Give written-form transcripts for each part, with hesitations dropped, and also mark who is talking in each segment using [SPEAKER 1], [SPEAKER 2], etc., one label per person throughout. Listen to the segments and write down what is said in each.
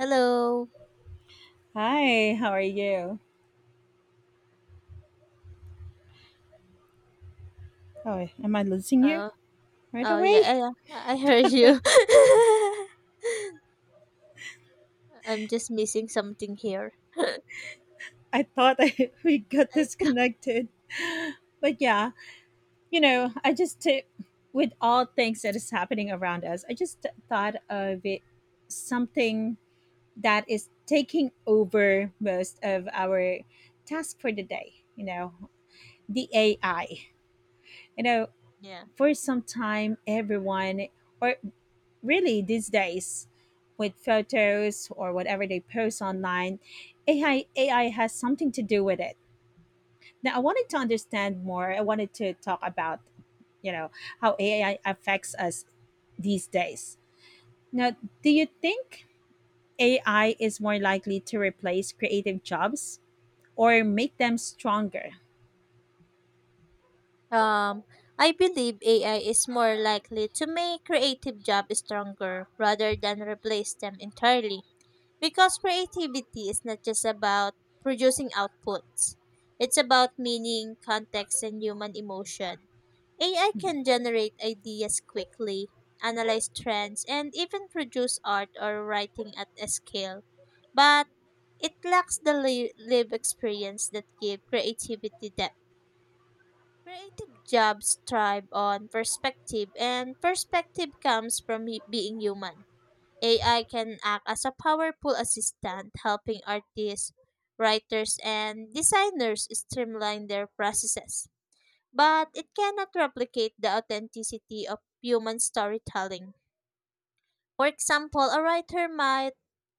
[SPEAKER 1] Hello.
[SPEAKER 2] Hi, how are you? Oh, am I losing you
[SPEAKER 1] Oh,
[SPEAKER 2] right
[SPEAKER 1] oh yeah,
[SPEAKER 2] away?
[SPEAKER 1] yeah, yeah, I heard you. I'm just missing something here.
[SPEAKER 2] I thought we got
[SPEAKER 1] I th-
[SPEAKER 2] disconnected. But yeah, I just, with all things that is happening around us, I just thought of it something that is taking over most of our tasks for the day, the AI. You know,
[SPEAKER 1] yeah.
[SPEAKER 2] for some time, everyone, or really these days with photos or whatever they post online, AI has something to do with it. Now, I wanted to understand more. I wanted to talk about you know how AI affects us these days. Now, do you think AI is more likely to replace creative jobs or make them stronger?
[SPEAKER 1] Um, I believe AI is more likely to make creative jobs stronger rather than replace them entirely. Because creativity is not just about producing outputs, it's about meaning, context, and human emotion. AI can generate ideas quickly, analyze trends, and even produce art or writing at a scale. But it lacks the live experience that give creativity depth. Creative jobs thrive on perspective, and perspective comes from being human. AI can act as a powerful assistant, helping artists, writers, and designers streamline their processes. But it cannot replicate the authenticity of human storytelling. For example, a writer might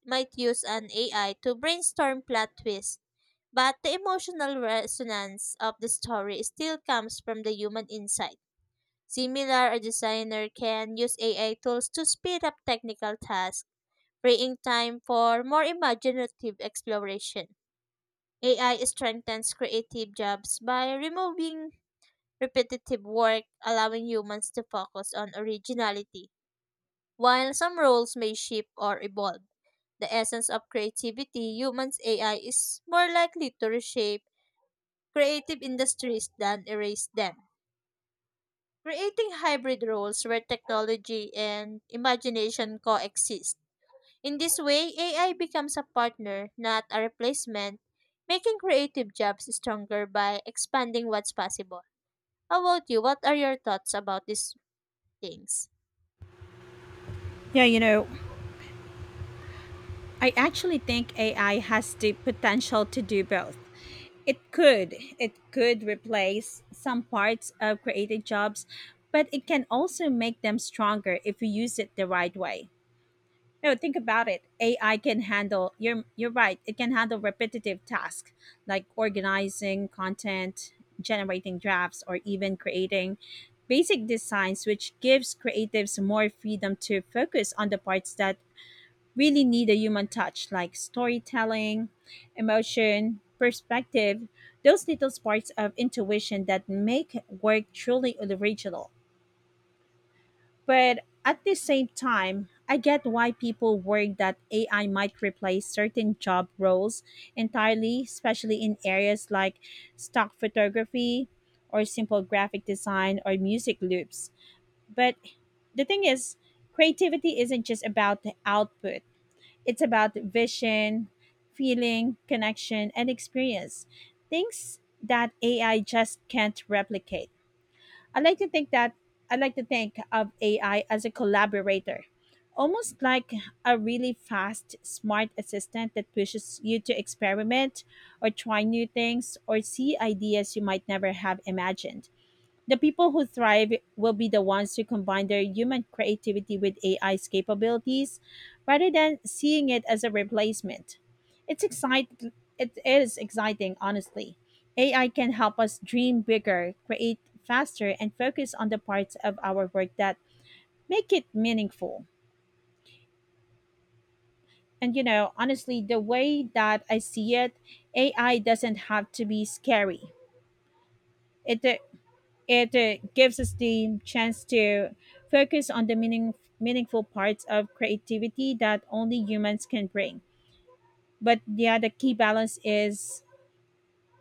[SPEAKER 1] might use an AI to brainstorm plot twists, but the emotional resonance of the story still comes from the human insight. Similar, a designer can use AI tools to speed up technical tasks freeing time for more imaginative exploration. AI strengthens creative jobs by removing repetitive work, allowing humans to focus on originality. While some roles may shift or evolve, the essence of creativity, humans' AI is more likely to reshape creative industries than erase them, creating hybrid roles where technology and imagination coexist. In this way, AI becomes a partner, not a replacement, making creative jobs stronger by expanding what's possible. How about you? What are your thoughts about these things?
[SPEAKER 2] Yeah, I actually think AI has the potential to do both. It could. It could replace some parts of creative jobs, but it can also make them stronger if we use it the right way. No, think about it. AI can handle, you're right. It can handle repetitive tasks like organizing content, generating drafts, or even creating basic designs, which gives creatives more freedom to focus on the parts that really need a human touch like storytelling, emotion, perspective, those little sparks of intuition that make work truly original. But at the same time, I get why people worry that AI might replace certain job roles entirely, especially in areas like stock photography or simple graphic design or music loops. But the thing is, creativity isn't just about the output, it's about vision, feeling, connection, and experience. Things that AI just can't replicate. I like to think that I like to think of AI as a collaborator, almost like a really fast, smart assistant that pushes you to experiment or try new things or see ideas you might never have imagined. The people who thrive will be the ones who combine their human creativity with AI's capabilities rather than seeing it as a replacement. It's excite- it is exciting, honestly. AI can help us dream bigger, create faster, and focus on the parts of our work that make it meaningful. And honestly, the way that I see it, AI doesn't have to be scary. It It gives us the chance to focus on the meaningful parts of creativity that only humans can bring. But yeah, the key balance is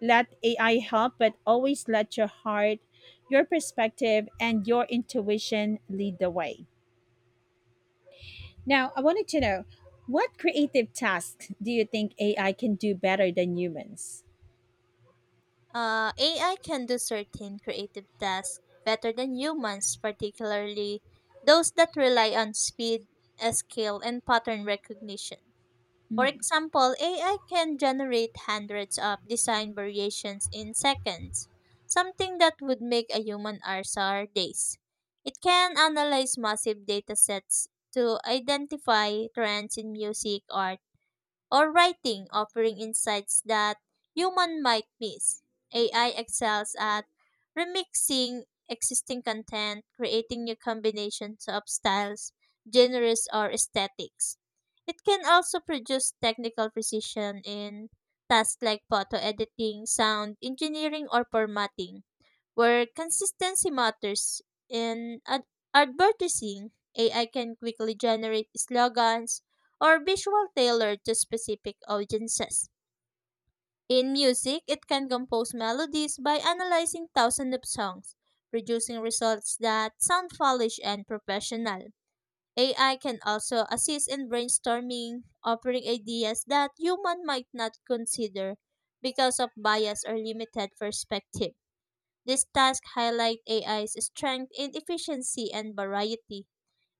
[SPEAKER 2] let AI help, but always let your heart, your perspective, and your intuition lead the way. Now, I wanted to know what creative tasks do you think AI can do better than humans?
[SPEAKER 1] AI can do certain creative tasks better than humans, particularly those that rely on speed, skill, and pattern recognition. For
[SPEAKER 2] Mm.
[SPEAKER 1] example, AI can generate hundreds of design variations in seconds, something that would make a human RSR days. It can analyze massive datasets to identify trends in music or writing offering insights that human might miss. AI excels at remixing existing content, creating new combinations of styles, genres, or aesthetics. It can also produce technical precision in tasks like photo editing, sound engineering, or formatting where consistency matters. In ad- advertising, AI can quickly generate slogans or visual tailored to specific audiences. In music, it can compose melodies by analyzing thousands of songs, producing results that sound polished and professional. AI can also assist in brainstorming, offering ideas that human might not consider because of bias or limited perspective. These tasks highlight AI's strength in efficiency and variety.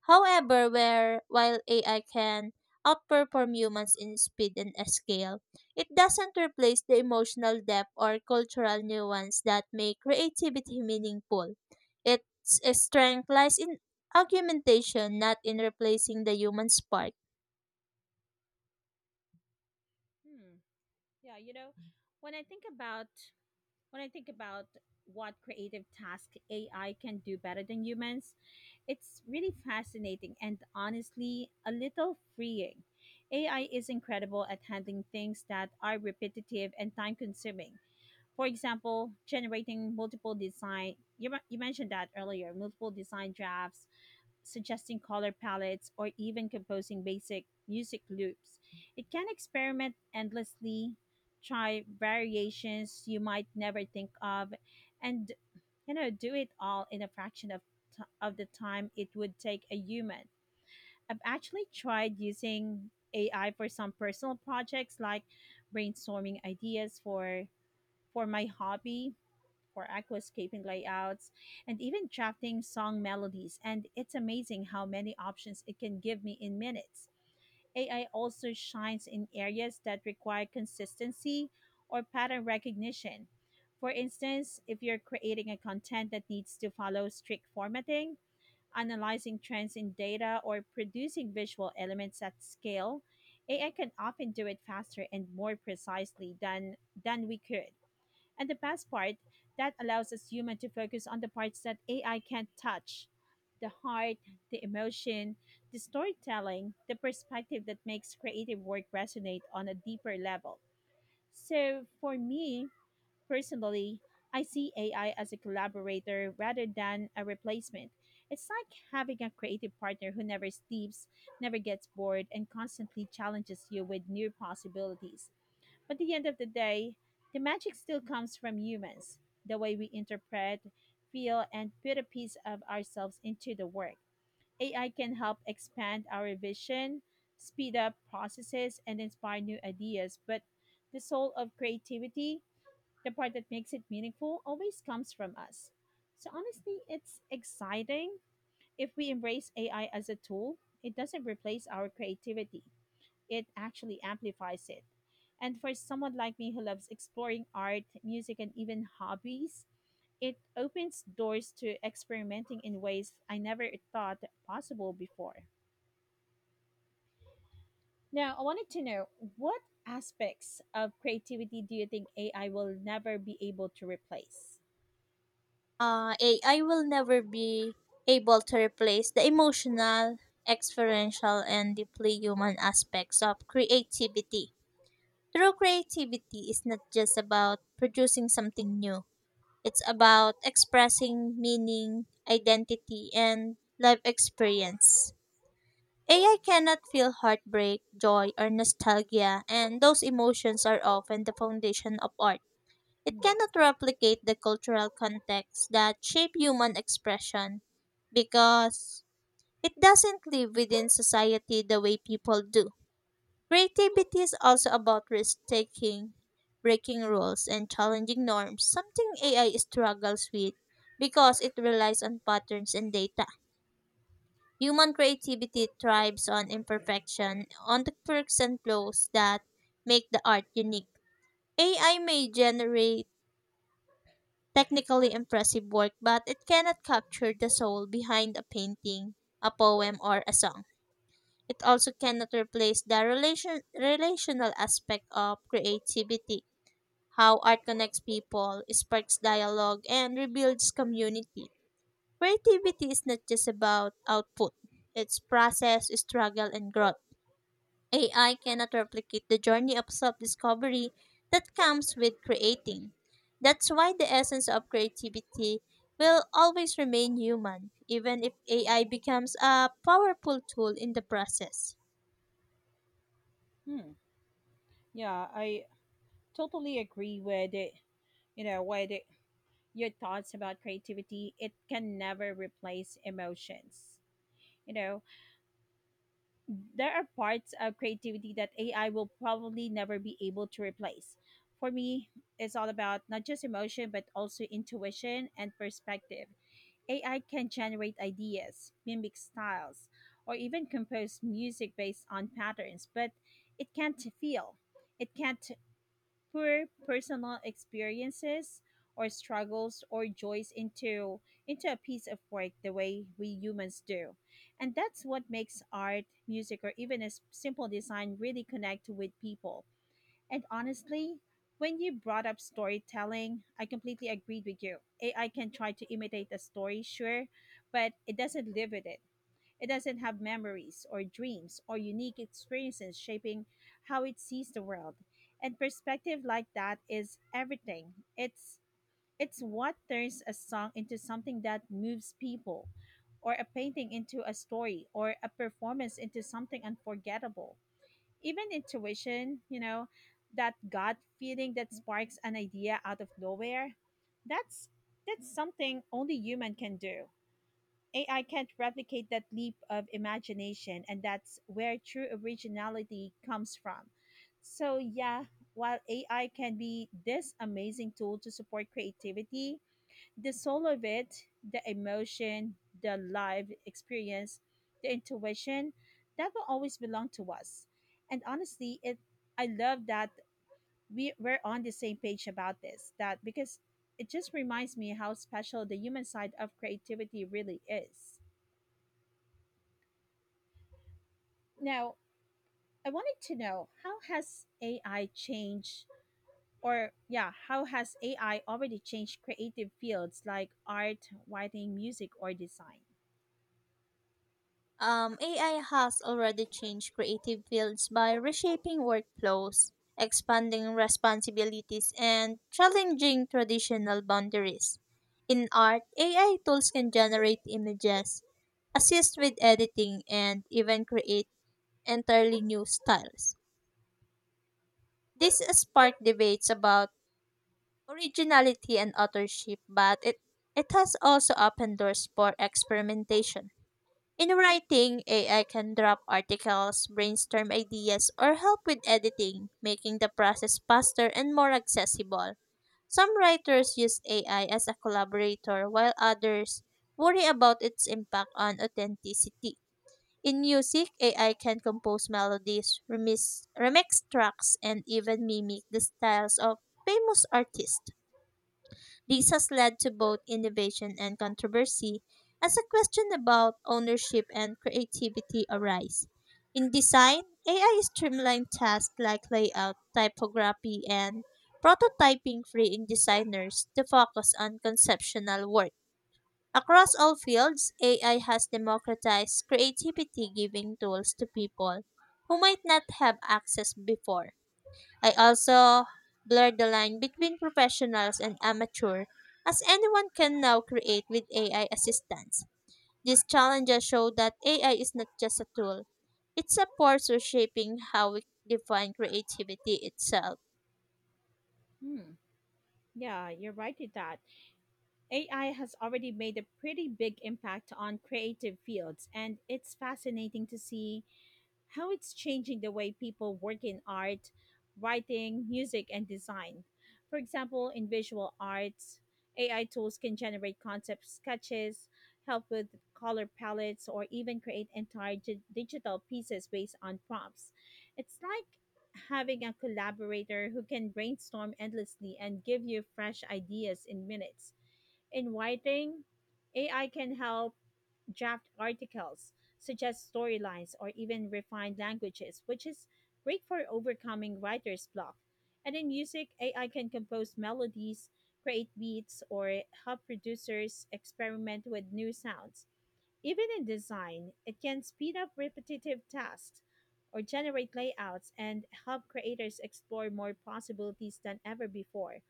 [SPEAKER 1] However, while AI can outperform humans in speed and scale, it doesn't replace the emotional depth or cultural nuance that make creativity meaningful. Its strength lies in augmentation, not in replacing the human spark.
[SPEAKER 2] Hmm. Yeah, when I think about when I think about what creative task AI can do better than humans, it's really fascinating and honestly a little freeing. AI is incredible at handling things that are repetitive and time consuming. For example, generating multiple design, you, you mentioned that earlier, multiple design drafts, suggesting color palettes, or even composing basic music loops. It can experiment endlessly, try variations you might never think of, and do it all in a fraction of of the time it would take a human. I've actually tried using AI for some personal projects like brainstorming ideas for my hobby for aquascaping layouts and even drafting song melodies. And it's amazing how many options it can give me in minutes. AI also shines in areas that require consistency or pattern recognition. For instance, if you're creating a content that needs to follow strict formatting, analyzing trends in data, or producing visual elements at scale, AI can often do it faster and more precisely than we could. And the best part, that allows us human to focus on the parts that AI can't touch. The heart, the emotion, the storytelling, the perspective that makes creative work resonate on a deeper level. So for me, personally, I see AI as a collaborator rather than a replacement. It's like having a creative partner who never sleeps, never gets bored, and constantly challenges you with new possibilities. But at the end of the day, the magic still comes from humans, the way we interpret, feel, and put a piece of ourselves into the work. AI can help expand our vision, speed up processes, and inspire new ideas, but the soul of creativity, the part that makes it meaningful, always comes from us. So honestly, it's exciting. If we embrace AI as a tool, it doesn't replace our creativity, it actually amplifies it. And for someone like me who loves exploring art, music, and even hobbies, it opens doors to experimenting in ways I never thought possible before. Now, I wanted to know what aspects of creativity do you think AI will never be able to replace?
[SPEAKER 1] AI will never be able to replace the emotional, experiential, and deeply human aspects of creativity. True creativity is not just about producing something new, it's about expressing meaning, identity, and life experience. AI cannot feel heartbreak, joy, or nostalgia, and those emotions are often the foundation of art. It cannot replicate the cultural contexts that shape human expression because it doesn't live within society the way people do. Creativity is also about risk taking, breaking rules, and challenging norms, something AI struggles with because it relies on patterns and data. Human creativity thrives on imperfection, on the quirks and flaws that make the art unique. AI may generate technically impressive work, but it cannot capture the soul behind a painting, a poem, or a song. It also cannot replace the relational aspect of creativity, how art connects people, sparks dialogue, and rebuilds community. Creativity is not just about output, it's process, struggle, and growth. AI cannot replicate the journey of self discovery that comes with creating. That's why the essence of creativity will always remain human, even if AI becomes a powerful tool in the process.
[SPEAKER 2] Hmm. Yeah, I totally agree with it. With it, your thoughts about creativity, it can never replace emotions. You know, there are parts of creativity that AI will probably never be able to replace. For me, it's all about not just emotion, but also intuition and perspective. AI can generate ideas, mimic styles, or even compose music based on patterns, but it can't feel, it can't pour personal experiences or struggles or joys into a piece of work the way we humans do. And that's what makes art, music, or even a simple design really connect with people. And honestly, when you brought up storytelling, I completely agreed with you. AI can try to imitate a story, sure, but it doesn't live with it. It doesn't have memories or dreams or unique experiences shaping how it sees the world. And perspective like that is everything. It's what turns a song into something that moves people or a painting into a story or a performance into something unforgettable. Even intuition, that gut feeling that sparks an idea out of nowhere, that's that's something only human can do. AI can't replicate that leap of imagination, and that's where true originality comes from. So, yeah, while AI can be this amazing tool to support creativity, the soul of it, the emotion, the live experience, the intuition, that will always belong to us. And honestly, it I love that we're on the same page about this, that because it just reminds me how special the human side of creativity really is. Now, I wanted to know how has AI changed, or yeah, how has AI already changed creative fields like art, writing, music, or design?
[SPEAKER 1] AI has already changed creative fields by reshaping workflows, expanding responsibilities, and challenging traditional boundaries. In art, AI tools can generate images, assist with editing, and even create entirely new styles. This sparked debates about originality and authorship, but it has also opened doors for experimentation. In writing, AI can drop articles, brainstorm ideas, or help with editing, making the process faster and more accessible. Some writers use AI as a collaborator, while others worry about its impact on authenticity. In music, AI can compose melodies, remix tracks, and even mimic the styles of famous artists. This has led to both innovation and controversy as a question about ownership and creativity arise. In design, AI streamlined tasks like layout, typography, and prototyping, freeing designers to focus on conceptual work. Across all fields, AI has democratized creativity, giving tools to people who might not have access before. I also blurred the line between professionals and amateur, as anyone can now create with AI assistance. These challenges show that AI is not just a tool, it's a force reshaping how we define creativity itself.
[SPEAKER 2] Hmm. Yeah, you're right with that. AI has already made a pretty big impact on creative fields, and it's fascinating to see how it's changing the way people work in art, writing, music, and design. For example, in visual arts, AI tools can generate concept sketches, help with color palettes, or even create entire digital pieces based on prompts. It's like having a collaborator who can brainstorm endlessly and give you fresh ideas in minutes. In writing, AI can help draft articles, suggest storylines, or even refine languages, which is great for overcoming writer's block. And in music, AI can compose melodies, create beats, or help producers experiment with new sounds. Even in design, it can speed up repetitive tasks or generate layouts and help creators explore more possibilities than ever before.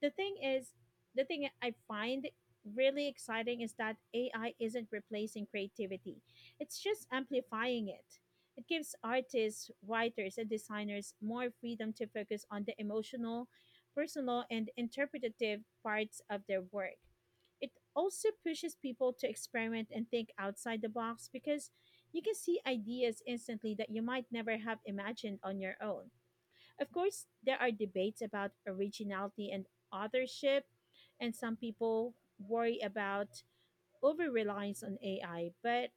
[SPEAKER 2] The thing is the thing I find really exciting is that AI isn't replacing creativity, it's just amplifying it. It gives artists, writers, and designers more freedom to focus on the emotional, personal, and interpretative parts of their work. It also pushes people to experiment and think outside the box because you can see ideas instantly that you might never have imagined on your own. Of course, there are debates about originality and authorship, and some people worry about over reliance on AI, but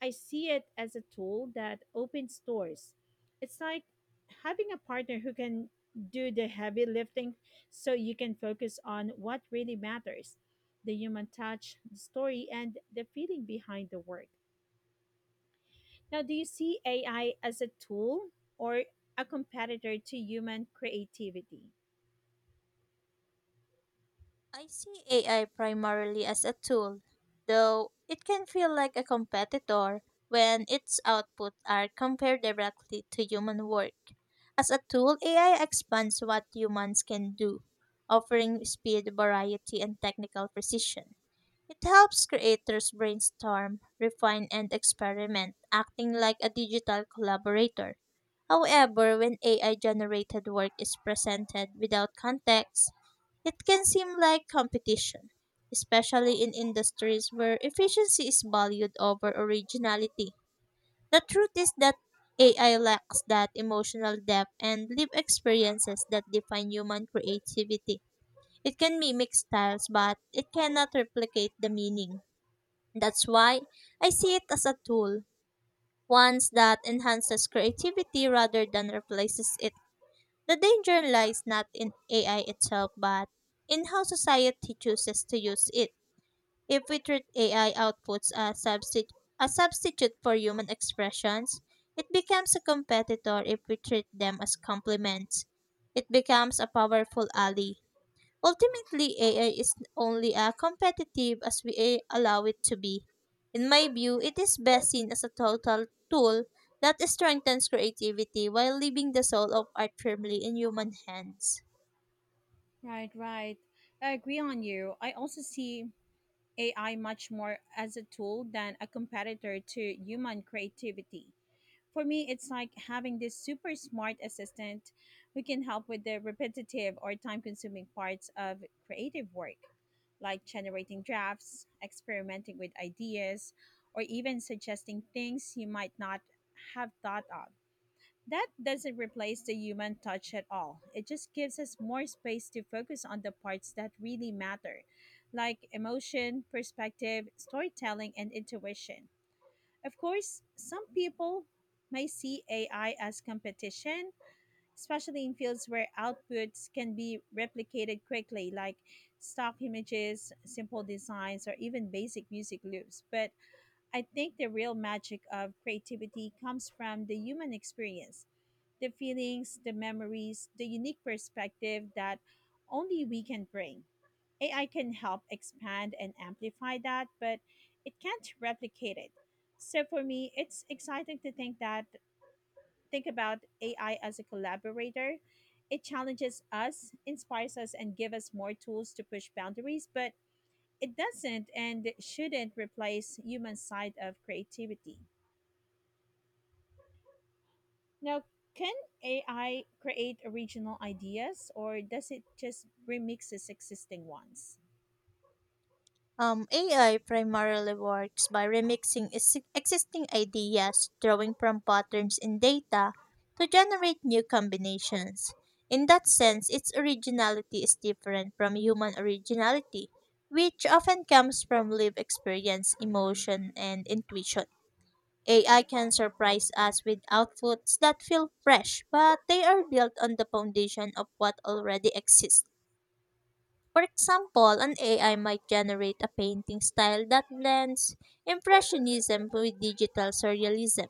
[SPEAKER 2] I see it as a tool that opens doors. It's like having a partner who can do the heavy lifting so you can focus on what really matters, the human touch, the story, and the feeling behind the work. Now, do you see AI as a tool or a competitor to human creativity?
[SPEAKER 1] I see AI primarily as a tool, though it can feel like a competitor when its outputs are compared directly to human work. As a tool, AI expands what humans can do, offering speed, variety, and technical precision. It helps creators brainstorm, refine, and experiment, acting like a digital collaborator. However, when AI generated work is presented without context, it can seem like competition, especially in industries where efficiency is valued over originality. The truth is that AI lacks that emotional depth and lived experiences that define human creativity. It can mimic styles, but it cannot replicate the meaning. That's why I see it as a tool, one that enhances creativity rather than replaces it. The danger lies not in AI itself, but in how society chooses to use it. If we treat AI outputs as substitute, a substitute for human expressions, it becomes a competitor if we treat them as complements. It becomes a powerful ally. Ultimately, AI is only as competitive as we allow it to be. In my view, it is best seen as a total tool that strengthens creativity while leaving the soul of art firmly in human hands.
[SPEAKER 2] Right, right. I agree on you. I also see AI much more as a tool than a competitor to human creativity. For me, it's like having this super smart assistant who can help with the repetitive or time consuming parts of creative work, like generating drafts, experimenting with ideas, or even suggesting things you might not have thought of. That doesn't replace the human touch at all. It just gives us more space to focus on the parts that really matter, like emotion, perspective, storytelling, and intuition. Of course, some people may see AI as competition, especially in fields where outputs can be replicated quickly, like stock images, simple designs, or even basic music loops. But I think the real magic of creativity comes from the human experience, the feelings, the memories, the unique perspective that only we can bring. AI can help expand and amplify that, but it can't replicate it. So for me, it's exciting to think about AI as a collaborator. It challenges us, inspires us and gives us more tools to push boundaries, but it doesn't and shouldn't replace human side of creativity. Now, can AI create original ideas or does it just remixes existing ones?
[SPEAKER 1] AI primarily works by remixing existing ideas, drawing from patterns in data to generate new combinations. In that sense, its originality is different from human originality, which often comes from lived experience, emotion, and intuition. AI can surprise us with outputs that feel fresh, but they are built on the foundation of what already exists. For example, an AI might generate a painting style that blends impressionism with digital surrealism,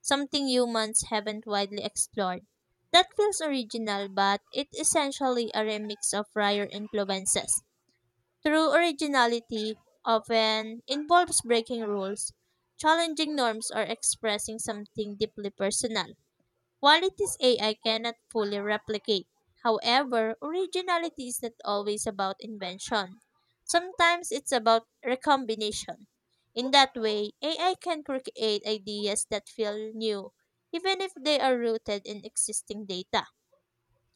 [SPEAKER 1] something humans haven't widely explored. That feels original, but it's essentially a remix of prior influences. True originality often involves breaking rules, challenging norms, or expressing something deeply personal. Qualities AI cannot fully replicate. However, originality is not always about invention. Sometimes it's about recombination. In that way, AI can create ideas that feel new, even if they are rooted in existing data.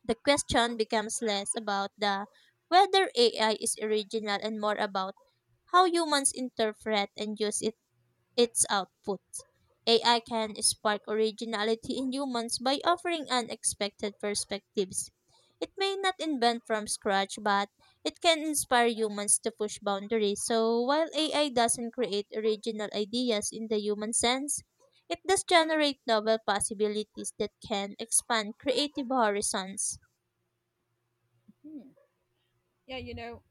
[SPEAKER 1] The question becomes less about the whether AI is original and more about how humans interpret and use it its output. AI can spark originality in humans by offering unexpected perspectives. It may not invent from scratch, but it can inspire humans to push boundaries. So, while AI doesn't create original ideas in the human sense, it does generate novel possibilities that can expand creative horizons.
[SPEAKER 2] Hmm. Yeah,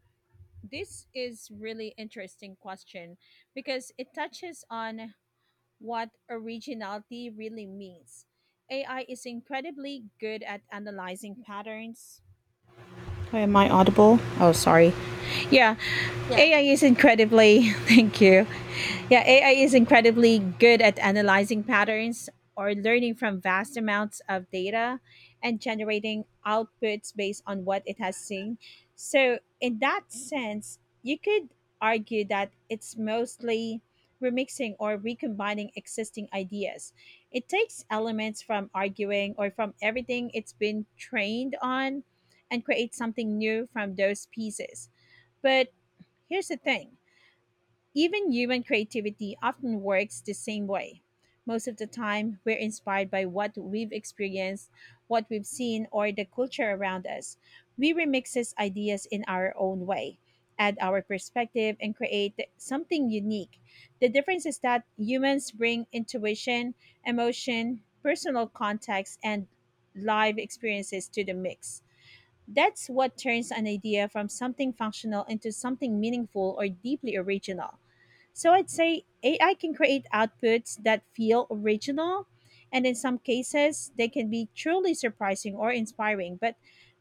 [SPEAKER 2] this is really interesting question because it touches on what originality really means. AI is incredibly good at analyzing patterns. Oh, am I audible? Oh, sorry. Yeah ai is incredibly thank you yeah ai is incredibly good at analyzing patterns, or learning from vast amounts of data, and generating outputs based on what it has seen. So in that sense you could argue that it's mostly remixing or recombining existing ideas. It takes elements from arguing or from everything it's been trained on, and creates something new from those pieces. But here's the thing, even human creativity often works the same way. Most of the time, we're inspired by what we've experienced, what we've seen, or the culture around us. We remixes ideas in our own way, add our perspective, and create something unique. The difference is that humans bring intuition, emotion, personal context, and live experiences to the mix. That's what turns an idea from something functional into something meaningful or deeply original. So I'd say AI can create outputs that feel original, and in some cases, they can be truly surprising or inspiring, but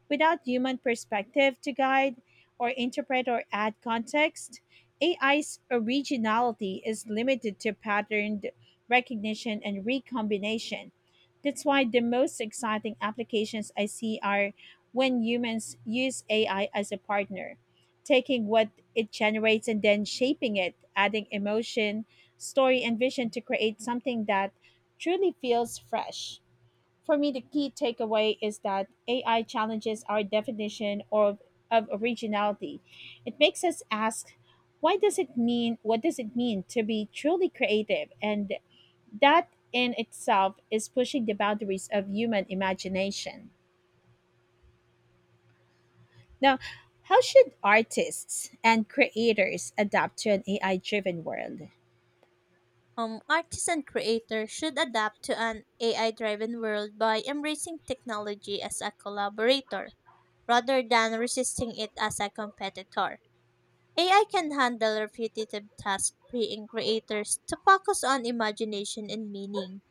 [SPEAKER 2] without human perspective to guide or interpret or add context, AI's originality is limited to patterned recognition and recombination. That's why the most exciting applications I see are when humans use AI as a partner, taking what it generates and then shaping it, adding emotion, story, and vision to create something that truly feels fresh. For me, the key takeaway is that AI challenges our definition of originality. It makes us ask, why does it mean, what does it mean to be truly creative? And that in itself is pushing the boundaries of human imagination. Now, how should artists and creators adapt to an AI driven world?
[SPEAKER 1] Artists and creators should adapt to an AI driven world by embracing technology as a collaborator rather than resisting it as a competitor. AI can handle repetitive tasks, freeing creators to focus on imagination and meaning.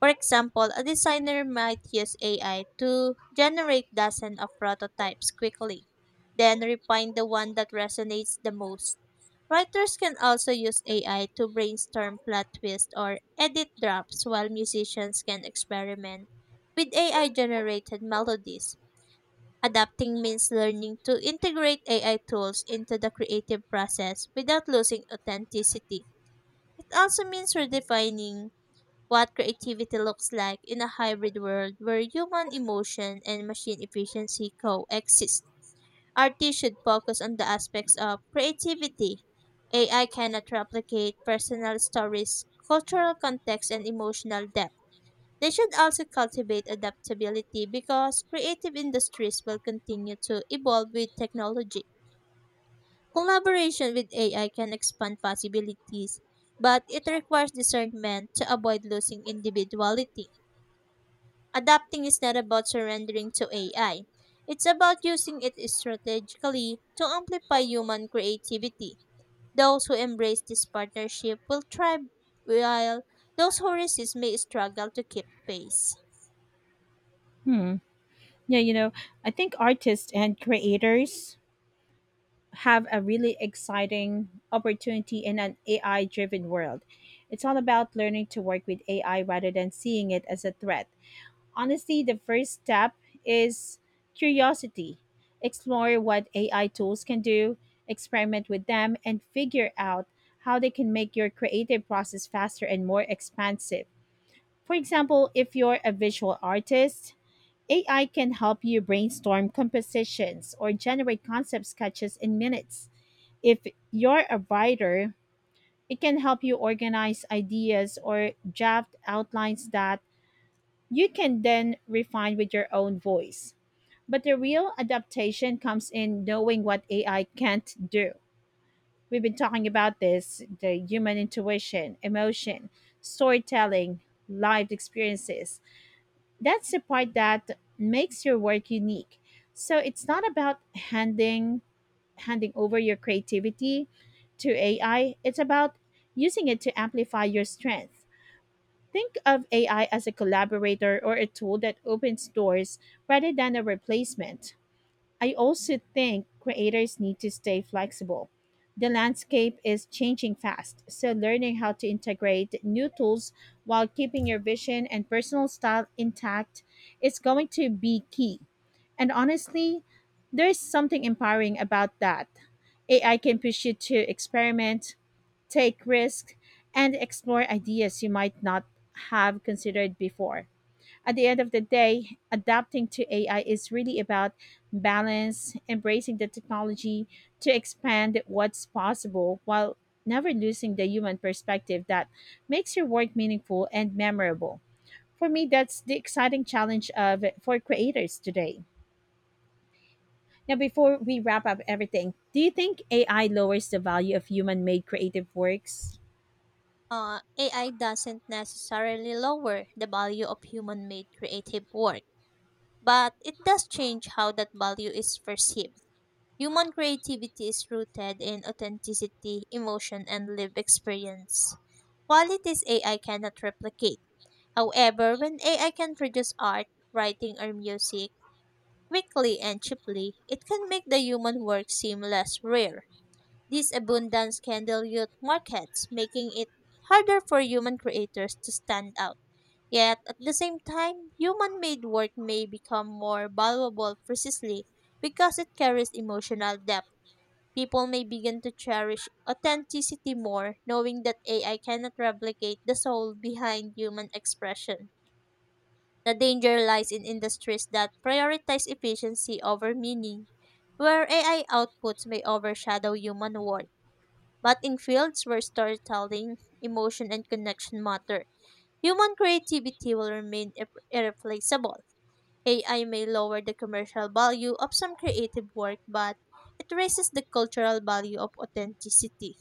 [SPEAKER 1] For example, a designer might use AI to generate dozens of prototypes quickly, then refine the one that resonates the most. Writers can also use AI to brainstorm plot twists or edit drafts, while musicians can experiment with AI generated melodies. Adapting means learning to integrate AI tools into the creative process without losing authenticity. It also means redefining what creativity looks like in a hybrid world where human emotion and machine efficiency coexist. Artists should focus on the aspects of creativity AI cannot replicate personal stories, cultural context, and emotional depth. They should also cultivate adaptability because creative industries will continue to evolve with technology. Collaboration with AI can expand possibilities, but it requires discernment to avoid losing individuality. Adapting is not about surrendering to AI. It's about using it strategically to amplify human creativity. Those who embrace this partnership will thrive, while those who resist may struggle to keep pace.
[SPEAKER 2] Hmm. Yeah, I think artists and creators have a really exciting opportunity in an AI driven world. It's all about learning to work with AI rather than seeing it as a threat. Honestly, the first step is curiosity. Explore what AI tools can do, experiment with them, and figure out how they can make your creative process faster and more expansive. For example, if you're a visual artist, AI can help you brainstorm compositions or generate concept sketches in minutes. If you're a writer, it can help you organize ideas or draft outlines that you can then refine with your own voice. But the real adaptation comes in knowing what AI can't do. We've been talking about this the human intuition, emotion, storytelling, lived experiences. That's the part that makes your work unique. So it's not about handing over your creativity to AI. It's about using it to amplify your strength. Think of AI as a collaborator or a tool that opens doors rather than a replacement. I also think creators need to stay flexible. The landscape is changing fast, so learning how to integrate new tools while keeping your vision and personal style intact is going to be key. And honestly, there's something empowering about that. AI can push you to experiment, take risks, and explore ideas you might not have considered before. At the end of the day, adapting to AI is really about balance, embracing the technology to expand what's possible while never losing the human perspective that makes your work meaningful and memorable. For me, that's the exciting challenge of for creators today. Now, before we wrap up everything, do you think AI lowers the value of human-made creative works?
[SPEAKER 1] AI doesn't necessarily lower the value of human made creative work, but it does change how that value is perceived. Human creativity is rooted in authenticity, emotion, and lived experience. Qualities AI cannot replicate. However, when AI can produce art, writing, or music quickly and cheaply, it can make the human work seem less rare. This abundance can dilute markets, making it harder for human creators to stand out. Yet, at the same time, human made work may become more valuable precisely because it carries emotional depth. People may begin to cherish authenticity more, knowing that AI cannot replicate the soul behind human expression. The danger lies in industries that prioritize efficiency over meaning, where AI outputs may overshadow human work. But in fields where storytelling, emotion, and connection matter, human creativity will remain irreplaceable. AI may lower the commercial value of some creative work, but it raises the cultural value of authenticity.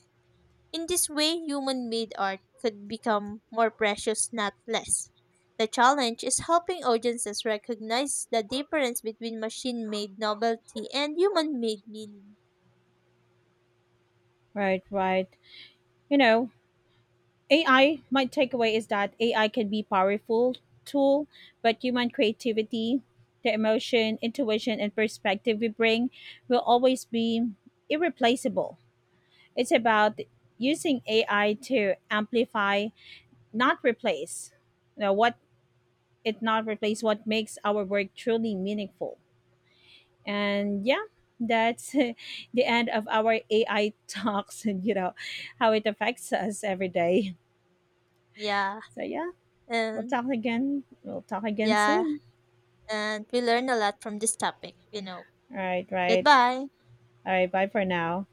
[SPEAKER 1] In this way, human made art could become more precious, not less. The challenge is helping audiences recognize the difference between machine made novelty and human made meaning.
[SPEAKER 2] Right, right. You know, AI, my takeaway is that AI can be powerful tool, but human creativity, the emotion, intuition, and perspective we bring will always be irreplaceable. It's about using AI to amplify, not replace. You know, what it not replace what makes our work truly meaningful. And yeah, that's the end of our AI talks and you know how it affects us every day.
[SPEAKER 1] Yeah,
[SPEAKER 2] So yeah.
[SPEAKER 1] and
[SPEAKER 2] We'll talk again
[SPEAKER 1] yeah,
[SPEAKER 2] soon.
[SPEAKER 1] and we learn a lot from this topic, you know.
[SPEAKER 2] All right, right.
[SPEAKER 1] Goodbye.
[SPEAKER 2] All right. Bye for now.